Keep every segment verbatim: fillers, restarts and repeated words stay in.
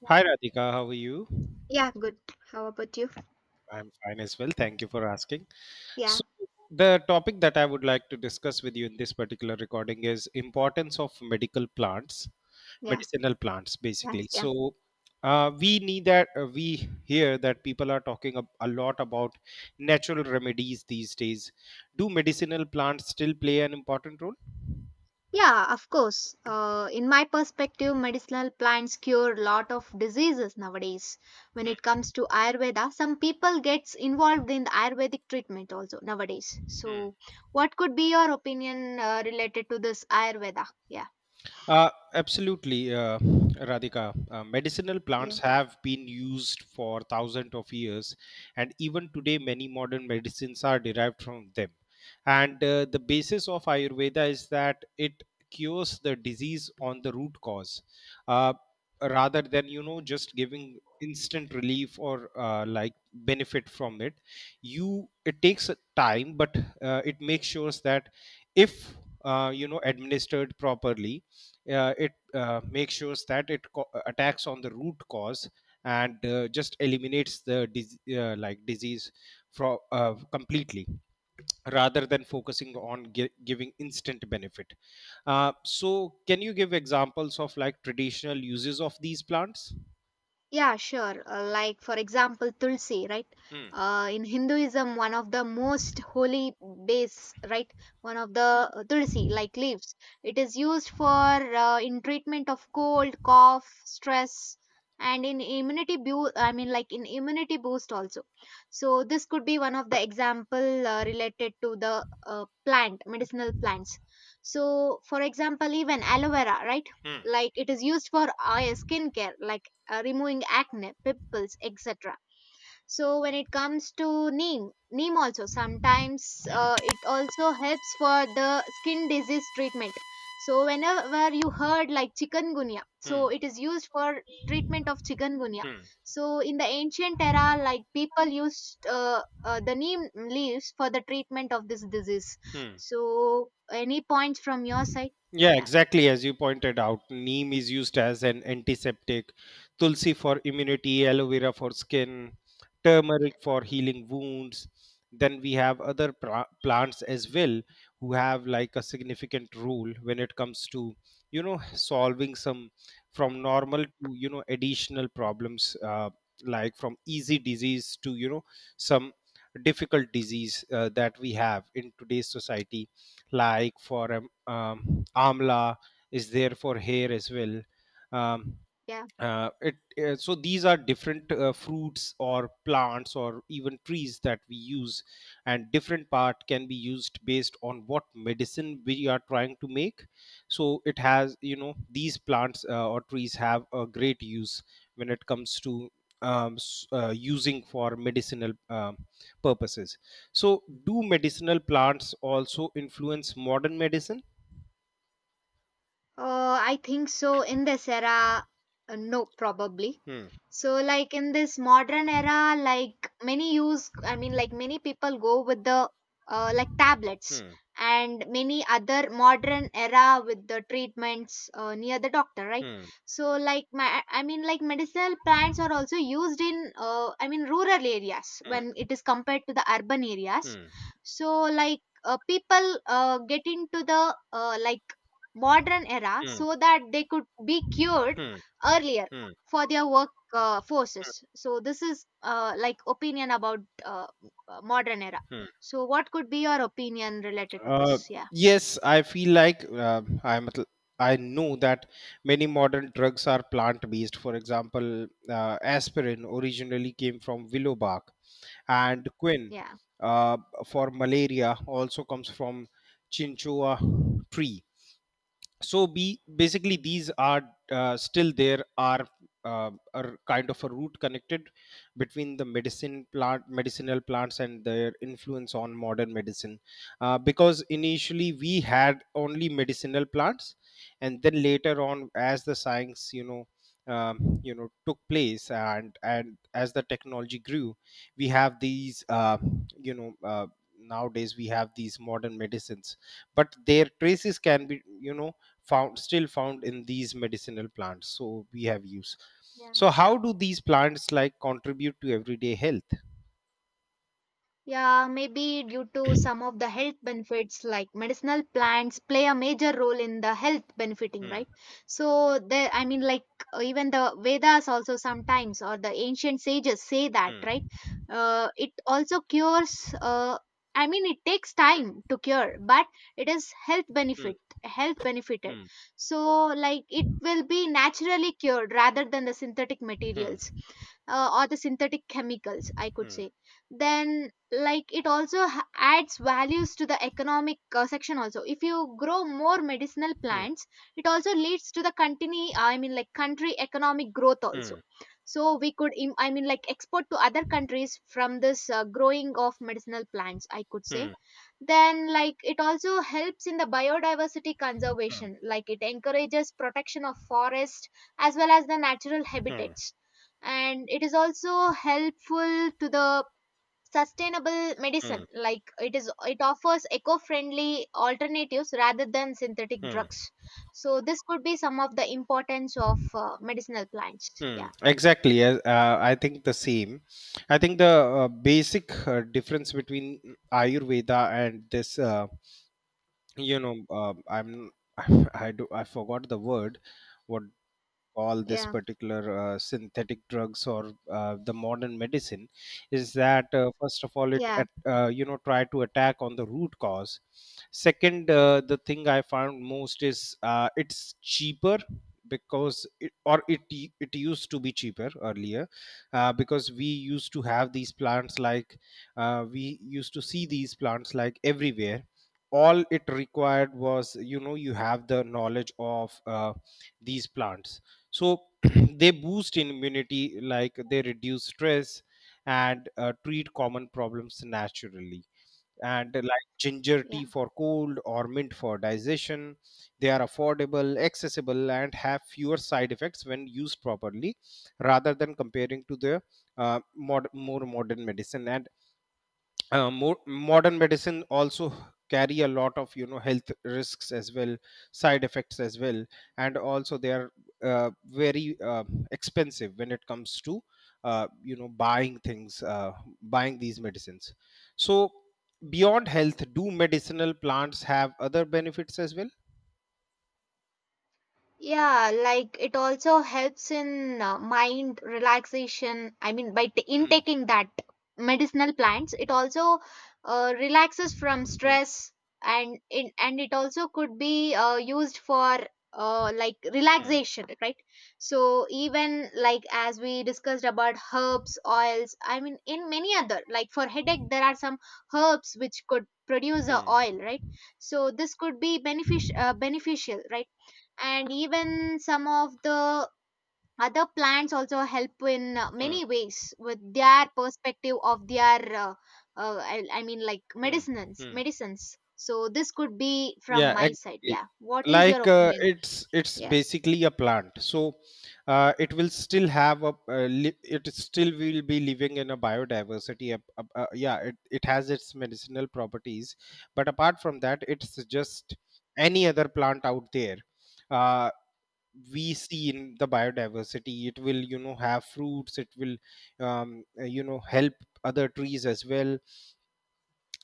Yeah, Hi Radhika, how are you? yeah, good. How about you? I'm fine as well. Thank you for asking. So, Yeah, the topic that I would like to discuss with you in this particular recording is importance of medical plants, yeah, medicinal plants, thanks. basically. Yeah, So, uh, we need that uh, we hear that people are talking a, a lot about natural remedies these days. Do medicinal plants still play an important role? yeah, of course. Uh, in my perspective, medicinal plants cure a lot of diseases nowadays. When it Hmm, comes to Ayurveda, some people gets involved in the Ayurvedic treatment also nowadays. hmm. So, what could be your opinion uh, related to this Ayurveda? Yeah. Uh, absolutely, uh, Radhika. Uh, medicinal Yeah. plants have been used for thousands of years, and even today, many modern medicines are derived from them. And uh, the basis of Ayurveda is that it cures the disease on the root cause, uh, rather than you know just giving instant relief or uh, like benefit from it. You it takes a time, but uh, it makes sure that if uh, you know administered properly, uh, it uh, makes sure that it co- attacks on the root cause and uh, just eliminates the dis- uh, like disease from uh, completely, rather than focusing on gi- giving instant benefit. Uh, so can you give examples of like traditional uses of these plants? Yeah, sure. Uh, like, for example, Tulsi, right? Hmm. Uh, in Hinduism, one of the most holy base, right? One of the uh, Tulsi, like leaves. It is used for uh, in treatment of cold, cough, stress, and in immunity boost. I mean, like in immunity boost also. So this could be one of the example uh, related to the uh, plant, medicinal plants. So, for example, even aloe vera, right? Hmm. Like it is used for eye skin care, like uh, removing acne, pimples, et cetera. So when it comes to neem, neem also sometimes uh, it also helps for the skin disease treatment. So whenever you heard like chikungunya, so Hmm. it is used for treatment of chikungunya. Hmm. So in the ancient era, like people used uh, uh, the neem leaves for the treatment of this disease. Hmm. So any points from your side? Yeah, Yeah, exactly. As you pointed out, neem is used as an antiseptic, tulsi for immunity, aloe vera for skin, yeah. turmeric for healing wounds. Then we have other pra- plants as well, who have like a significant role when it comes to, you know, solving some, from normal to, you know, additional problems, uh, like from easy disease to, you know, some difficult disease uh, that we have in today's society, like for a um, amla is there for hair as well. um, Yeah. uh, it, uh, so these are different uh, fruits or plants or even trees that we use, and different part can be used based on what medicine we are trying to make. So it has you know these plants uh, or trees have a great use when it comes to um, s- uh, using for medicinal um, purposes. So do medicinal plants also influence modern medicine? Uh, I think so. In this era, uh, no, probably. Hmm, So, like in this modern era, like many use, I mean, like many people go with the uh, like tablets hmm, and many other modern era with the treatments uh, near the doctor, right? hmm, So, like, my, I mean, like medicinal plants are also used in, uh, I mean, rural areas when hmm, it is compared to the urban areas. hmm, So, like, uh, people uh, get into the uh, like modern era hmm, so that they could be cured hmm, earlier hmm, for their work uh, forces. So this is uh, like opinion about uh, uh, modern era. hmm. So what could be your opinion related to Uh, this? Yeah. yes, I feel like uh, I'm. at l- I know that many modern drugs are plant-based. For example, uh, aspirin originally came from willow bark, and quin Yeah. uh, for malaria also comes from chinchua tree. So be basically, these are uh, still, there are uh, are kind of a root connected between the medicine plant medicinal plants and their influence on modern medicine, uh, because initially we had only medicinal plants, and then later on, as the science, you know um, you know took place, and and as the technology grew, we have these uh, you know uh, nowadays we have these modern medicines, but their traces can be you know found, still found in these medicinal plants, so we have used. Yeah. So how do these plants like contribute to everyday health? Yeah, maybe due to some of the health benefits like medicinal plants play a major role in the health benefiting, Hmm, right? So there, I mean like uh, even the Vedas also sometimes or the ancient sages say that, right? hmm, Uh, it also cures uh, I mean it takes time to cure, but it is health hmm, benefit health benefited. So like it will be naturally cured rather than the synthetic hmm, materials uh, or the synthetic chemicals I could hmm, say. Then like it also ha- adds values to the economic uh, section also. If you grow more medicinal hmm, hmm, plants it also leads to the continue uh, I mean like country economic growth hmm, hmm, also. hmm, So we could im- I mean like export to other countries from this uh, growing of medicinal plants I could say. Then like it also helps in the biodiversity conservation, like it encourages protection of forest as well as the natural hmm, habitats, and it is also helpful to the sustainable medicine, hmm, like it is it offers eco-friendly alternatives rather than synthetic hmm, drugs. So this could be some of the importance of uh, medicinal plants. hmm. Yeah. Exactly. Uh, uh, I think the same. I think the uh, basic uh, difference between Ayurveda and this, uh, you know, uh, I'm I do I forgot the word. What call this Yeah. particular uh, synthetic drugs or uh, the modern medicine is that, uh, first of all, it Yeah. at, uh, you know try to attack on the root cause. Second, uh, the thing I found most is uh, it's cheaper, because it, or it u- it used to be cheaper earlier, uh, because we used to have these plants, like, uh, we used to see these plants like everywhere. All it required was you know you have the knowledge of uh, these plants. So they boost immunity, like they reduce stress and uh, treat common problems naturally, and uh, like ginger tea Yeah. for cold or mint for digestion. They are affordable, accessible, and have fewer side effects when used properly, rather than comparing to the uh, mod- more modern medicine. And uh, mo- modern medicine also carry a lot of you know health risks as well, side effects as well. And also, they are uh, very uh, expensive when it comes to uh, you know buying things uh, buying these medicines. So beyond health, do medicinal plants have other benefits as well? Yeah, like it also helps in uh, mind relaxation. I mean, by t- in Hmm, taking that medicinal plants, it also uh, relaxes from hmm, stress, and in and it also could be uh, used for uh, like hmm, relaxation, right? So even like as we discussed about herbs, oils. I mean, in many other like for headache, there are some herbs which could produce a hmm, oil, right? So this could be benefic- uh, beneficial, right? And even some of the other plants also help in uh, hmm, many ways with their perspective of their uh, uh, I, I mean like hmm, medicines hmm. medicines So this could be from Yeah, my exactly. side. Yeah, what is your Like, uh, opinion? it's it's Yeah. basically a plant, so uh, it will still have a uh, li- it still will be living in a biodiversity. ap- ap- uh, yeah, it it has its medicinal properties, but apart from that, it's just any other plant out there. Uh, we see in the biodiversity, it will you know have fruits. It will um, uh, you know help other trees as well,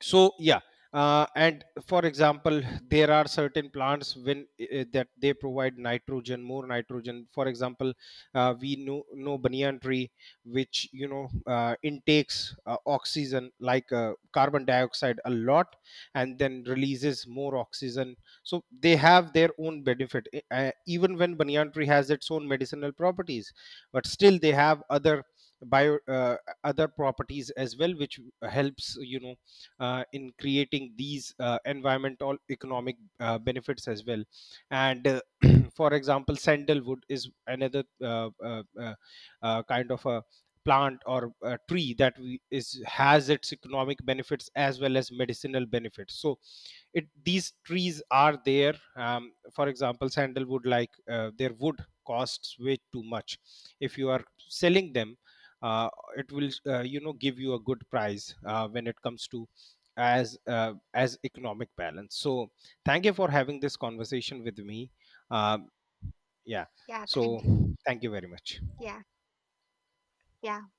so yeah. Uh, and for example, there are certain plants when uh, that they provide nitrogen, more nitrogen, for example. Uh, we know know banyan tree, which you know uh, intakes uh, oxygen, like uh, carbon dioxide a lot, and then releases more oxygen. So they have their own benefit. E- uh, even when banyan tree has its own medicinal properties, but still they have other bio uh, other properties as well, which helps you know uh, in creating these uh, environmental, economic uh, benefits as well. And uh, for example, sandalwood is another uh, uh, uh, uh, kind of a plant or a tree that we, is has its economic benefits as well as medicinal benefits. So it these trees are there. Um, for example, sandalwood, like uh, their wood costs way too much if you are selling them. uh, it will uh, you know give you a good price uh, when it comes to, as uh, as economic balance. So thank you for having this conversation with me. Um yeah, Yeah, so thank you. thank you very much. Yeah. Yeah.